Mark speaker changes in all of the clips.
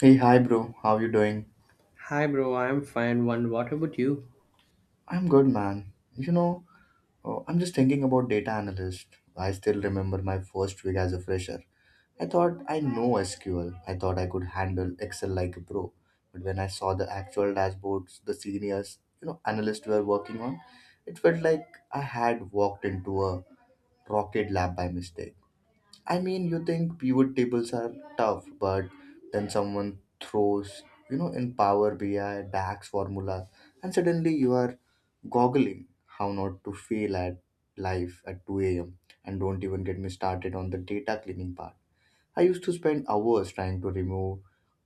Speaker 1: Hey, hi, bro. How you doing?
Speaker 2: Hi, bro. I'm fine. One. What about you?
Speaker 1: I'm good, man. You know, I'm just thinking about data analyst. I still remember my first week as a fresher. I thought I know SQL. I thought I could handle Excel like a pro. But when I saw the actual dashboards the seniors, you know, analysts were working on, it felt like I had walked into a rocket lab by mistake. I mean, you think pivot tables are tough, but then someone throws, you know, in Power BI, DAX formulas, and suddenly you are goggling how not to fail at life at 2 a.m. And don't even get me started on the data cleaning part. I used to spend hours trying to remove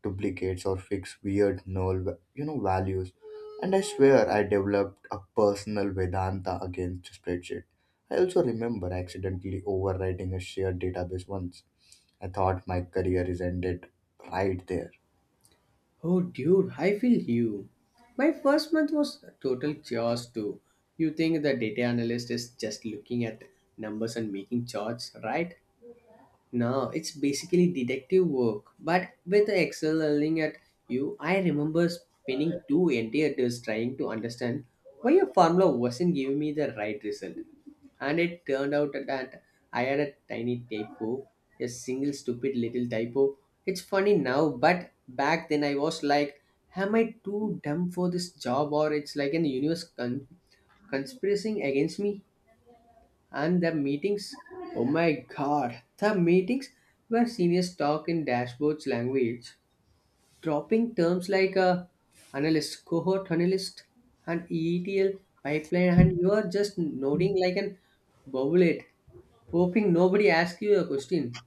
Speaker 1: duplicates or fix weird null, va- you know, values. And I swear I developed a personal Vedanta against spreadsheet. I also remember accidentally overwriting a shared database once. I thought my career is ended right there.
Speaker 2: Oh, dude, I feel you. My first month was a total chaos too. You think the data analyst is just looking at numbers and making charts, right? No, it's basically detective work, but with Excel yelling at you, I remember spending two entire days trying to understand why a formula wasn't giving me the right result. And it turned out that I had a tiny typo, a single stupid little typo. It's funny now, but back then I was like, am I too dumb for this job or it's like an universe conspiring against me? And the meetings, oh my god, the meetings where seniors talk in dashboard's language, dropping terms like a analyst, cohort analyst, and ETL pipeline, and you are just nodding like an bobblehead, hoping nobody asks you a question.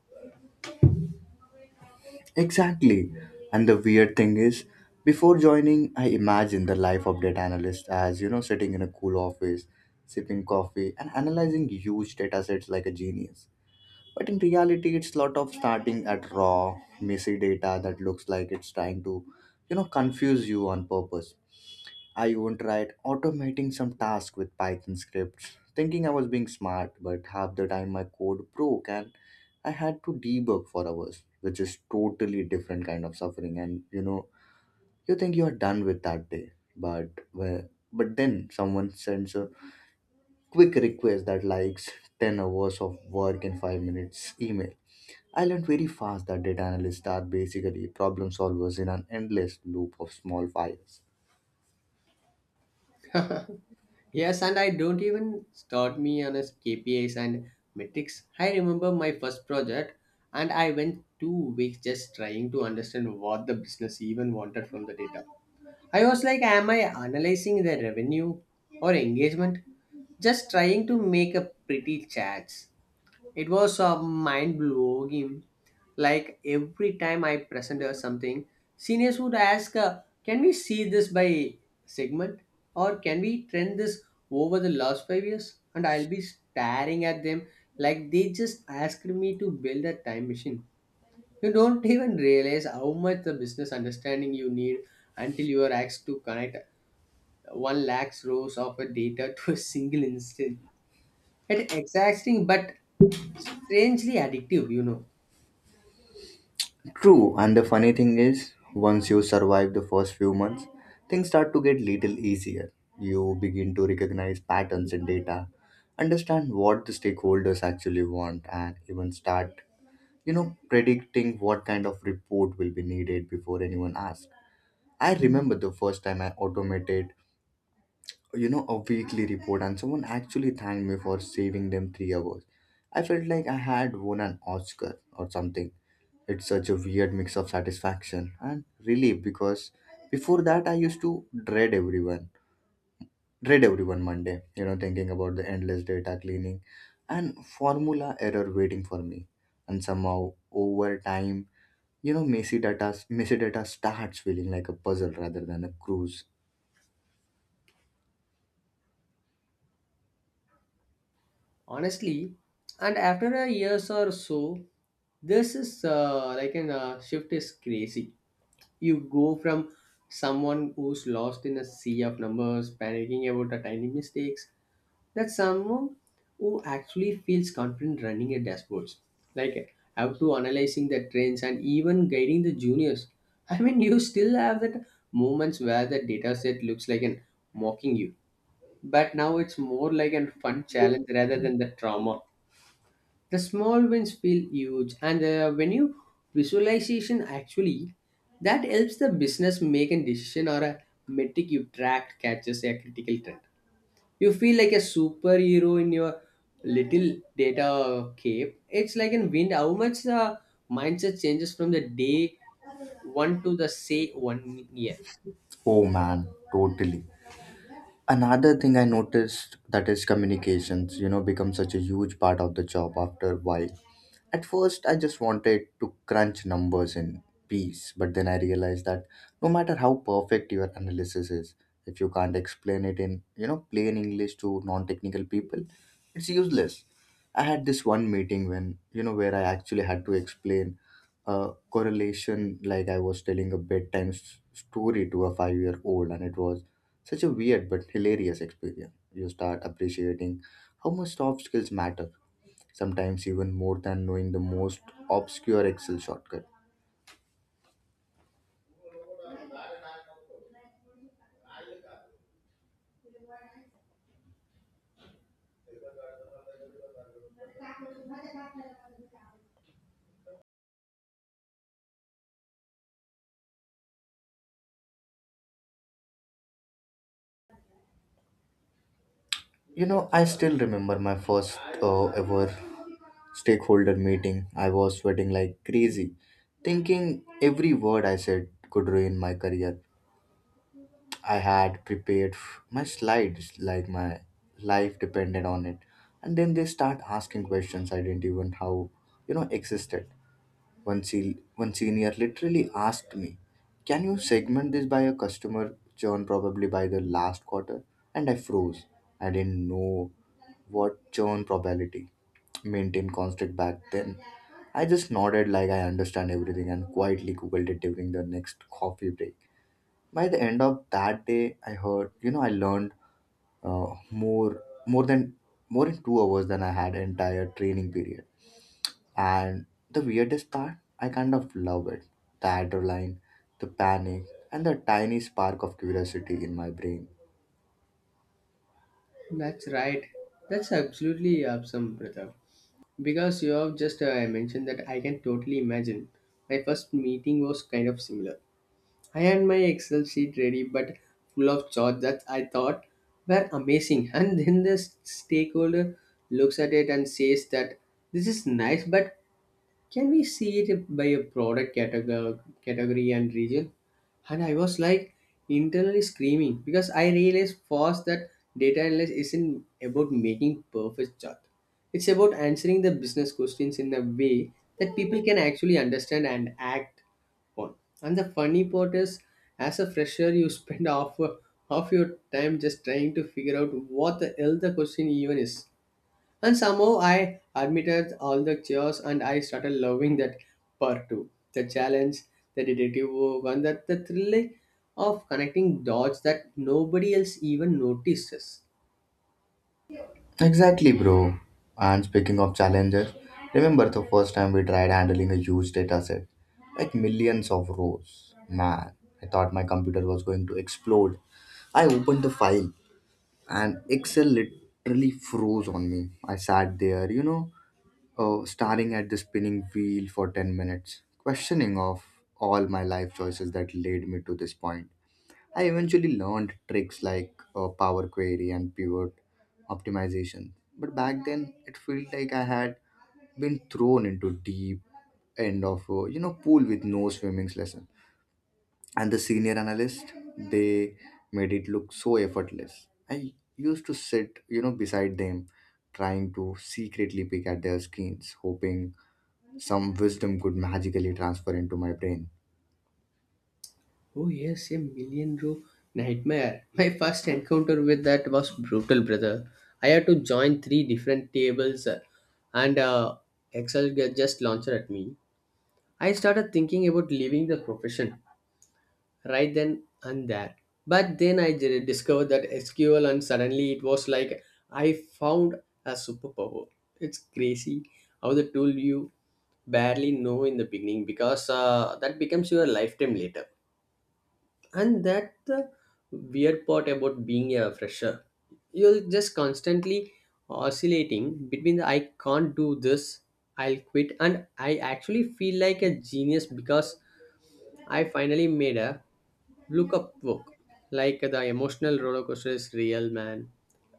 Speaker 1: Exactly. And the weird thing is, before joining, I imagined the life of data analyst as, you know, sitting in a cool office, sipping coffee, and analyzing huge data sets like a genius. But in reality, it's lot of starting at raw, messy data that looks like it's trying to, you know, confuse you on purpose. I even tried automating some task with Python scripts, thinking I was being smart, but half the time my code broke and I had to debug for hours, which is totally different kind of suffering. And you know, you think you're done with that day, but then someone sends a quick request that likes 10 hours of work in 5 minutes email. I learned very fast that data analysts are basically problem solvers in an endless loop of small fires.
Speaker 2: Yes, and I don't even start me on a KPIs and metrics. I remember my first project, and I went 2 weeks just trying to understand what the business even wanted from the data. I was like, am I analyzing the revenue or engagement? Just trying to make a pretty chats. It was a mind blowing. Like every time I presented something, seniors would ask, can we see this by segment? Or can we trend this over the last 5 years? And I'll be staring at them like they just asked me to build a time machine. You don't even realize how much the business understanding you need until you are asked to connect one lakhs rows of a data to a single instance. It's exhausting but strangely addictive, you know.
Speaker 1: True, and the funny thing is, once you survive the first few months, things start to get little easier. You begin to recognize patterns in data, understand what the stakeholders actually want, and even start, you know, predicting what kind of report will be needed before anyone asks. I remember the first time I automated, you know, a weekly report and someone actually thanked me for saving them 3 hours. I felt like I had won an Oscar or something. It's such a weird mix of satisfaction and relief because before that I used to dread everyone Monday, you know, thinking about the endless data cleaning and formula error waiting for me. And somehow over time, you know, messy data starts feeling like a puzzle rather than a cruise.
Speaker 2: Honestly, and after a years or so, this is like an shift is crazy. You go from someone who's lost in a sea of numbers, panicking about the tiny mistakes, that someone who actually feels confident running a dashboards, like how to analyzing the trends and even guiding the juniors. I mean, you still have that moments where the data set looks like an mocking you, but now it's more like a fun challenge rather than the trauma. The small wins feel huge, and when you visualization actually, that helps the business make a decision or a metric you track catches a critical trend. You feel like a superhero in your little data cape. It's like in wind. How much the mindset changes from the day one to the say one year.
Speaker 1: Oh man, totally. Another thing I noticed that is communications, you know, become such a huge part of the job after a while. At first I just wanted to crunch numbers in peace, but then I realized that no matter how perfect your analysis is, if you can't explain it in, you know, plain English to non-technical people, it's useless. I had this one meeting when, you know, where I actually had to explain a correlation like I was telling a bedtime story to a 5 year old, and it was such a weird but hilarious experience. You start appreciating how much soft skills matter, sometimes even more than knowing the most obscure Excel shortcut. You know, I still remember my first ever stakeholder meeting. I was sweating like crazy, thinking every word I said could ruin my career. I had prepared my slides like my life depended on it. And then they start asking questions I didn't even how, you know, existed. One senior literally asked me, "Can you segment this by a customer churn probably by the last quarter?" And I froze. I didn't know what churn probability maintained constant back then. I just nodded like I understand everything and quietly googled it during the next coffee break. By the end of that day, I heard, you know, I learned uh, more more than more in 2 hours than I had entire training period. And the weirdest part, I kind of love it. The adrenaline, the panic, and the tiny spark of curiosity in my brain.
Speaker 2: That's right. That's absolutely awesome, Pratap. Because you have just mentioned that I can totally imagine. My first meeting was kind of similar. I had my Excel sheet ready, but full of charts that I thought were amazing. And then the stakeholder looks at it and says that this is nice, but can we see it by a product category, category and region? And I was like internally screaming because I realized fast that data analysis isn't about making perfect chart. It's about answering the business questions in a way that people can actually understand and act on. And the funny part is, as a fresher, you spend half your time just trying to figure out what the hell the question even is. And somehow I admitted all the chores and I started loving that part too. The challenge, the detective work, and the thrill of connecting dots that nobody else even notices.
Speaker 1: Exactly, bro. And speaking of challenges, remember the first time we tried handling a huge data set? Like millions of rows. Man, I thought my computer was going to explode. I opened the file and Excel literally froze on me. I sat there, staring at the spinning wheel for 10 minutes, questioning of all my life choices that led me to this point. I eventually learned tricks like power query and pivot optimization. But back then, it felt like I had been thrown into deep end of a, you know, pool with no swimming lesson. And the senior analyst, they made it look so effortless. I used to sit, you know, beside them, trying to secretly pick at their skins, hoping some wisdom could magically transfer into my brain.
Speaker 2: Oh, yes, a million row nightmare. My first encounter with that was brutal, brother. I had to join three different tables and Excel just launched at me. I started thinking about leaving the profession right then and there. But then I did discover that SQL, and suddenly it was like I found a superpower. It's crazy how the tool you barely know in the beginning because that becomes your lifetime later. And that the weird part about being a fresher, you're just constantly oscillating between the I can't do this, I'll quit, and I actually feel like a genius because I finally made a Look Up book. Like the emotional roller coaster is real, man.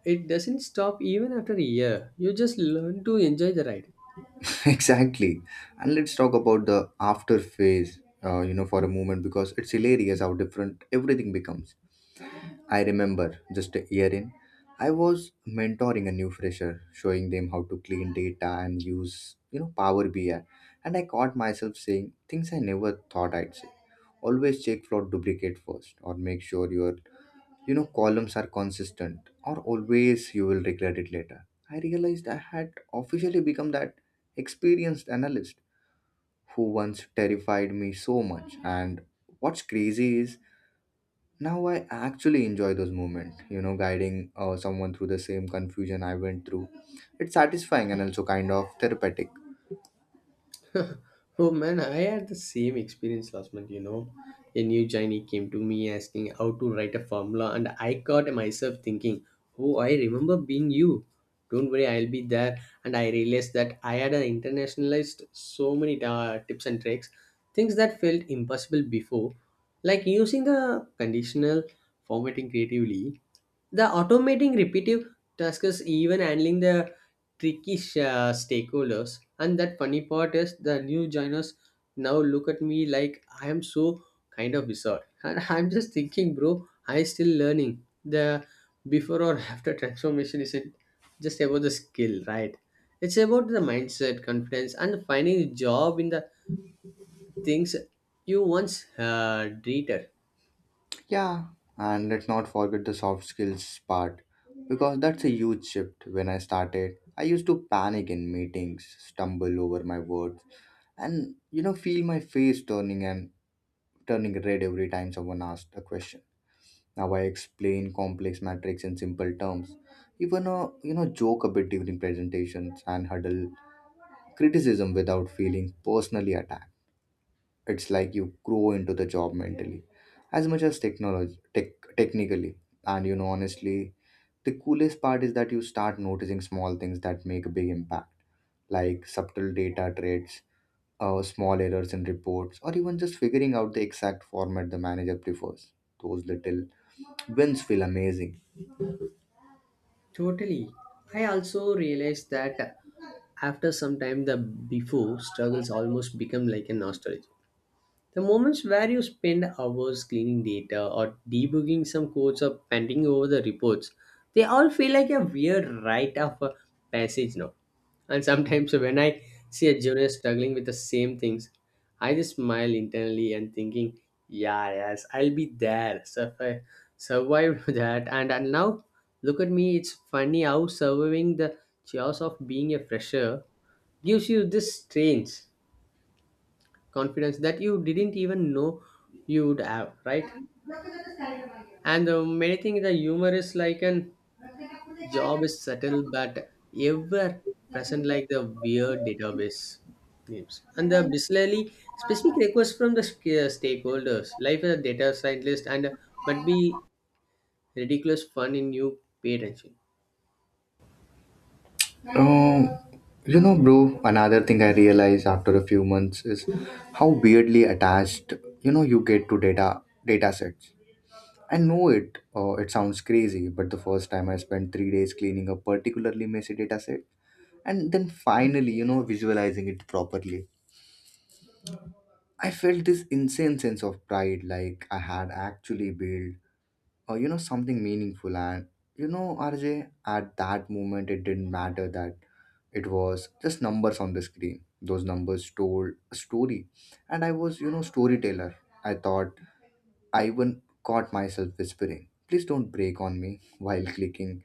Speaker 2: It doesn't stop even after a year. You just learn to enjoy the ride.
Speaker 1: Exactly. And let's talk about the after phase, you know, for a moment because it's hilarious how different everything becomes. I remember just a year in, I was mentoring a new fresher, showing them how to clean data and use, you know, Power BI. And I caught myself saying things I never thought I'd say. Always check for duplicate first, or make sure your, you know, columns are consistent, or always you will regret it later. I realized I had officially become that experienced analyst who once terrified me so much. And what's crazy is now I actually enjoy those moments, you know, guiding someone through the same confusion I went through. It's satisfying and also kind of therapeutic.
Speaker 2: Oh man, I had the same experience last month, you know. A new Chinese came to me asking how to write a formula, and I caught myself thinking, oh, I remember being you. Don't worry, I'll be there. And I realized that I had internationalized so many tips and tricks, things that felt impossible before, like using the conditional formatting creatively, the automating repetitive tasks, even handling the tricky stakeholders. And that funny part is the new joiners now look at me like I am so kind of bizarre. And I'm just thinking, bro, I still learning. The before or after transformation isn't just about the skill, right? It's about the mindset, confidence, and finding a job in the things you once dreamed.
Speaker 1: Yeah, and let's not forget the soft skills part because that's a huge shift. When I started, I used to panic in meetings, stumble over my words, and, you know, feel my face turning red every time someone asked a question. Now I explain complex metrics in simple terms, even you know, joke a bit during presentations and huddle criticism without feeling personally attacked. It's like you grow into the job mentally as much as technically. And you know, honestly, the coolest part is that you start noticing small things that make a big impact, like subtle data trades, small errors in reports, or even just figuring out the exact format the manager prefers. Those little wins feel amazing.
Speaker 2: Totally. I also realized that after some time the before struggles almost become like a nostalgia. The moments where you spend hours cleaning data or debugging some codes or panting over the reports, they all feel like a weird rite of a passage now. And sometimes when I see a junior struggling with the same things, I just smile internally and thinking, yeah, yes, I'll be there. So I survived that. And now, look at me, it's funny how surviving the chaos of being a fresher gives you this strange confidence that you didn't even know you would have, right? And many things the humor is like an job is subtle but ever present, like the weird database names and the bizarrely specific requests from the stakeholders life as a data scientist, and might be ridiculous fun in you pay attention.
Speaker 1: um, you know, bro, another thing I realized after a few months is how weirdly attached, you know, you get to data sets. I know it. It sounds crazy, but the first time I spent 3 days cleaning a particularly messy dataset, and then finally, you know, visualizing it properly, I felt this insane sense of pride, like I had actually built, you know, something meaningful. And you know, RJ, at that moment, it didn't matter that it was just numbers on the screen. Those numbers told a story, and I was, you know, storyteller. I thought I even caught myself whispering, "Please don't break on me," while clicking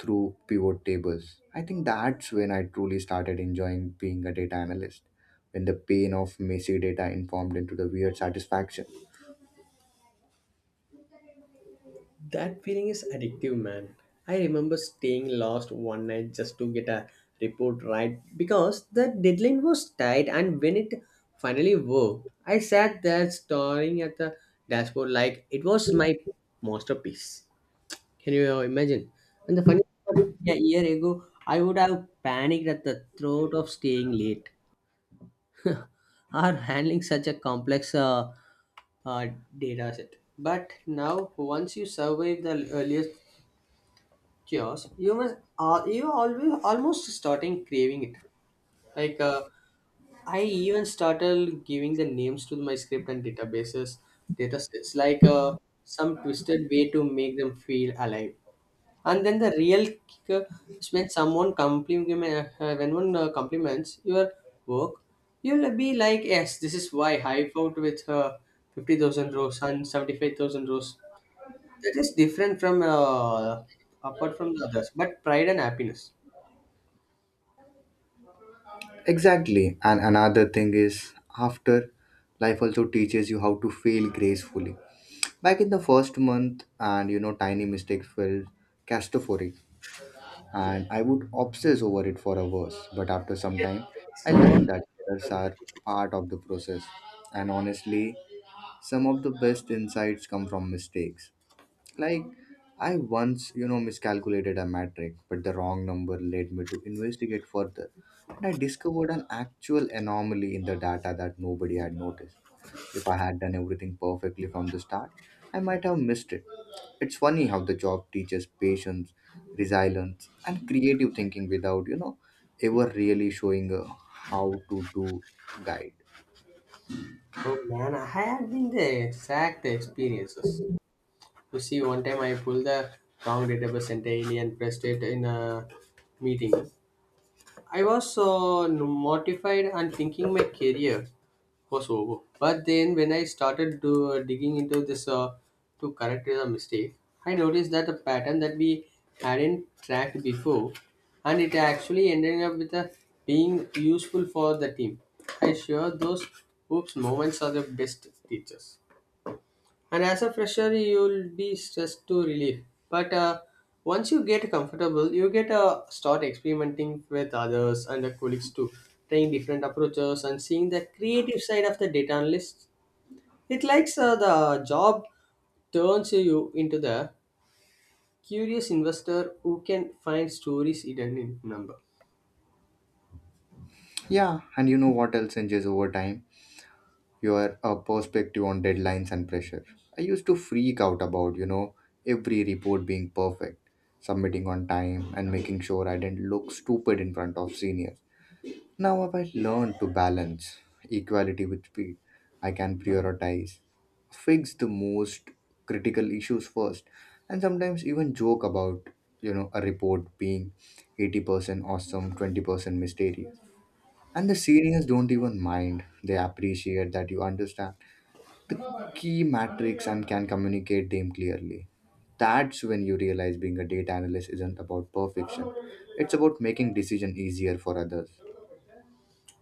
Speaker 1: through pivot tables. I think that's when I truly started enjoying being a data analyst, when the pain of messy data informed into the weird satisfaction.
Speaker 2: That feeling is addictive, man. I remember staying lost one night just to get a report right because the deadline was tight, and when it finally worked, I sat there staring at the dashboard like it was my masterpiece. Can you imagine? And the funny part is, a year ago, I would have panicked at the thought of staying late or handling such a complex uh, data set. But now, once you survive the earliest chaos, you must you always almost starting craving it like I even started giving the names to my script and data sets like some twisted way to make them feel alive. And then the real kicker is when someone compliment when one compliments your work. You'll be like yes, this is why I found with 50,000 rows and 75,000 rows, that is different from apart from the others, but pride and happiness.
Speaker 1: Exactly. And another thing is, after life also teaches you how to fail gracefully. Back in the first month, and you know, tiny mistakes felt catastrophic. And I would obsess over it for hours. But after some time, I learned that errors are part of the process, and honestly, some of the best insights come from mistakes. Like, I once, you know, miscalculated a metric, but the wrong number led me to investigate further. And I discovered an actual anomaly in the data that nobody had noticed. If I had done everything perfectly from the start, I might have missed it. It's funny how the job teaches patience, resilience, and creative thinking without, you know, ever really showing a how to do guide.
Speaker 2: Oh man, I have been the exact experiences. You see, one time I pulled the wrong database entirely and pressed it in a meeting. I was mortified and thinking my career was over. But then, when I started digging into this to correct the mistake, I noticed that a pattern that we hadn't tracked before, and it actually ended up with a, being useful for the team. I sure those oops moments are the best teachers. And as a fresher, you'll be stressed to relief. But once you get comfortable, you get start experimenting with others and the colleagues too, trying different approaches and seeing the creative side of the data analyst. It likes the job turns you into the curious investor who can find stories hidden in number.
Speaker 1: Yeah, and you know what else changes over time? Your perspective on deadlines and pressure. I used to freak out about, you know, every report being perfect, submitting on time, and making sure I didn't look stupid in front of seniors. Now I've learned to balance equality with speed. I can prioritize, fix the most critical issues first, and sometimes even joke about, you know, a report being 80% awesome, 20% mysterious. And the seniors don't even mind. They appreciate that you understand the key matrix and can communicate them clearly. That's when you realize being a data analyst isn't about perfection. It's about making decision easier for others.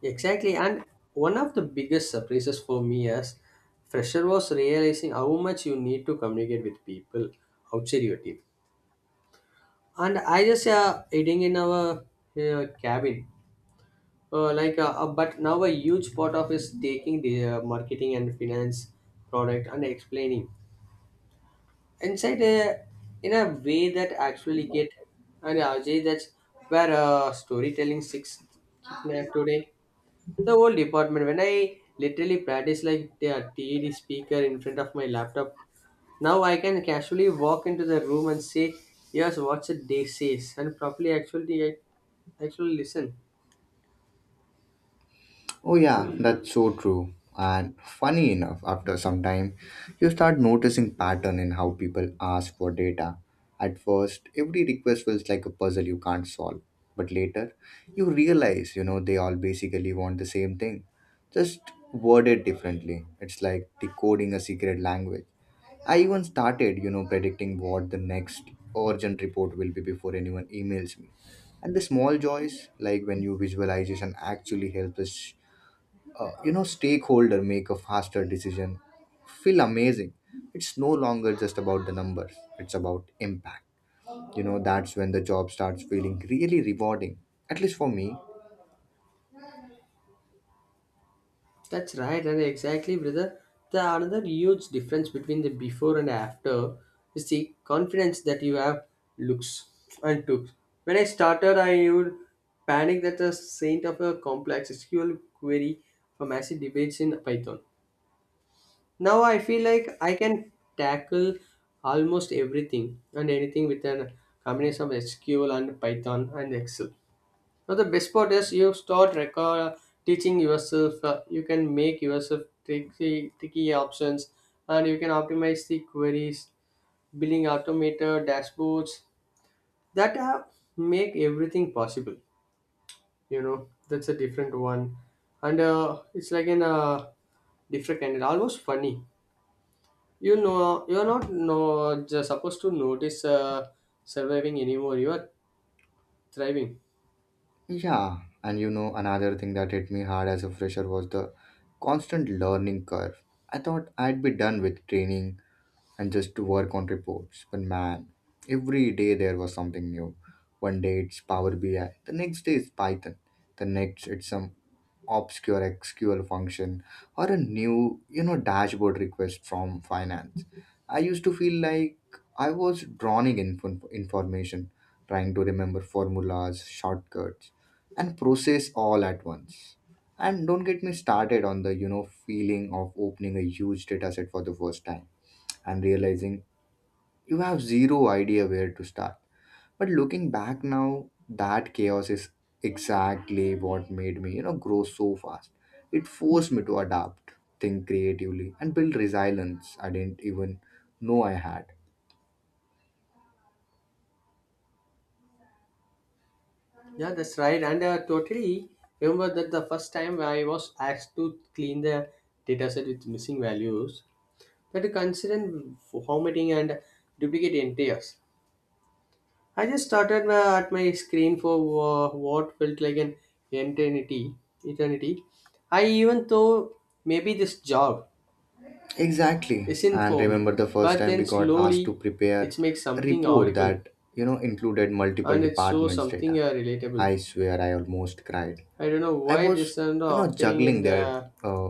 Speaker 2: Exactly, and one of the biggest surprises for me as fresher was realizing how much you need to communicate with people outside your team. And I just eating in our cabin. But now a huge part of is taking the marketing and finance product and explaining inside in a way that actually get, and Ajay, that's where storytelling six kick na today the whole department, when I literally practice like the TED speaker in front of my laptop, now I can casually walk into the room and say, yes, what's it they says, and properly actually I actually listen.
Speaker 1: Oh, yeah, that's so true. And funny enough, after some time, you start noticing pattern in how people ask for data. At first, every request feels like a puzzle you can't solve. But later, you realize, you know, they all basically want the same thing, just worded differently. It's like decoding a secret language. I even started, you know, predicting what the next urgent report will be before anyone emails me. And the small joys, like when you visualization actually helps us, you know, stakeholder make a faster decision, feel amazing. It's no longer just about the numbers, it's about impact. You know, that's when the job starts feeling really rewarding, at least for me.
Speaker 2: That's right, and exactly, brother. The another huge difference between the before and after is the confidence that you have looks and took. When I started, I would panic that the saint of a complex SQL query for massive debates in Python. Now I feel like I can tackle almost everything and anything with an combination of SQL and Python and Excel. Now the best part is you start record teaching yourself. You can make yourself tricky options, and you can optimize the queries, building automated dashboards that make everything possible. You know that's a different one, and it's like an different kind. Almost funny, you know, you're not no, just supposed to notice surviving anymore. You are thriving.
Speaker 1: Yeah, and you know another thing that hit me hard as a fresher was the constant learning curve. I thought I'd be done with training and just to work on reports. But man, every day there was something new. One day it's Power BI, the next day it's Python, the next it's some obscure SQL function, or a new, you know, dashboard request from finance. I used to feel like I was drowning in information, trying to remember formulas, shortcuts, and process all at once. And don't get me started on the, you know, feeling of opening a huge dataset for the first time and realizing you have zero idea where to start. But looking back now, that chaos is exactly what made me, you know, grow so fast. It forced me to adapt, think creatively, and build resilience I didn't even know I had.
Speaker 2: Yeah, that's right. And totally remember that the first time I was asked to clean the dataset with missing values, that considering formatting and duplicate entries. I just started at my screen for what felt like an eternity. eternity. I even though maybe this job
Speaker 1: Exactly.
Speaker 2: isn't
Speaker 1: And
Speaker 2: for me.
Speaker 1: remember the first
Speaker 2: But
Speaker 1: time we
Speaker 2: then
Speaker 1: got asked to
Speaker 2: slowly
Speaker 1: prepare
Speaker 2: it makes
Speaker 1: a
Speaker 2: something
Speaker 1: report
Speaker 2: audible
Speaker 1: that, you know, included multiple
Speaker 2: and it shows
Speaker 1: departments
Speaker 2: something
Speaker 1: data.
Speaker 2: relatable.
Speaker 1: I swear I almost cried.
Speaker 2: I don't know
Speaker 1: I
Speaker 2: why
Speaker 1: was,
Speaker 2: this end
Speaker 1: you know,
Speaker 2: up happening in
Speaker 1: juggling their
Speaker 2: the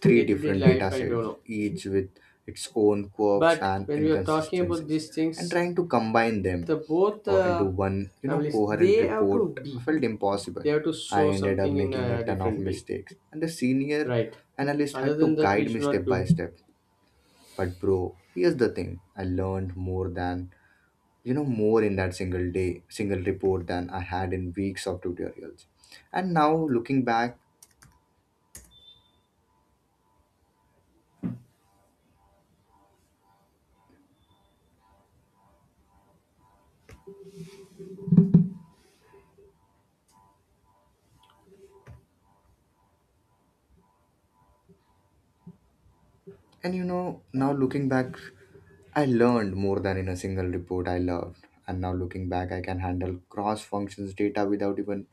Speaker 1: three
Speaker 2: day to day
Speaker 1: different
Speaker 2: life,
Speaker 1: data
Speaker 2: I don't
Speaker 1: sets,
Speaker 2: know.
Speaker 1: each with its own quirks
Speaker 2: But
Speaker 1: and
Speaker 2: when we are talking about
Speaker 1: inconsistencies,
Speaker 2: these
Speaker 1: and
Speaker 2: things,
Speaker 1: trying to combine them
Speaker 2: the both
Speaker 1: into one, you know,
Speaker 2: families
Speaker 1: coherent
Speaker 2: they have
Speaker 1: report,
Speaker 2: to be,
Speaker 1: felt impossible.
Speaker 2: they have to
Speaker 1: I
Speaker 2: show
Speaker 1: ended up
Speaker 2: something in
Speaker 1: making a
Speaker 2: a
Speaker 1: ton of
Speaker 2: different way,
Speaker 1: mistakes, and the senior
Speaker 2: right?
Speaker 1: analyst
Speaker 2: Other
Speaker 1: had to
Speaker 2: than that, we
Speaker 1: guide me
Speaker 2: should not
Speaker 1: step by
Speaker 2: do.
Speaker 1: step. But bro, here's the thing: I learned more than, you know more in that single day, single report, than I had in weeks of tutorials. And now looking back And you know, now looking back, I learned more than in a single report I loved. And now looking back, I can handle cross functions data without even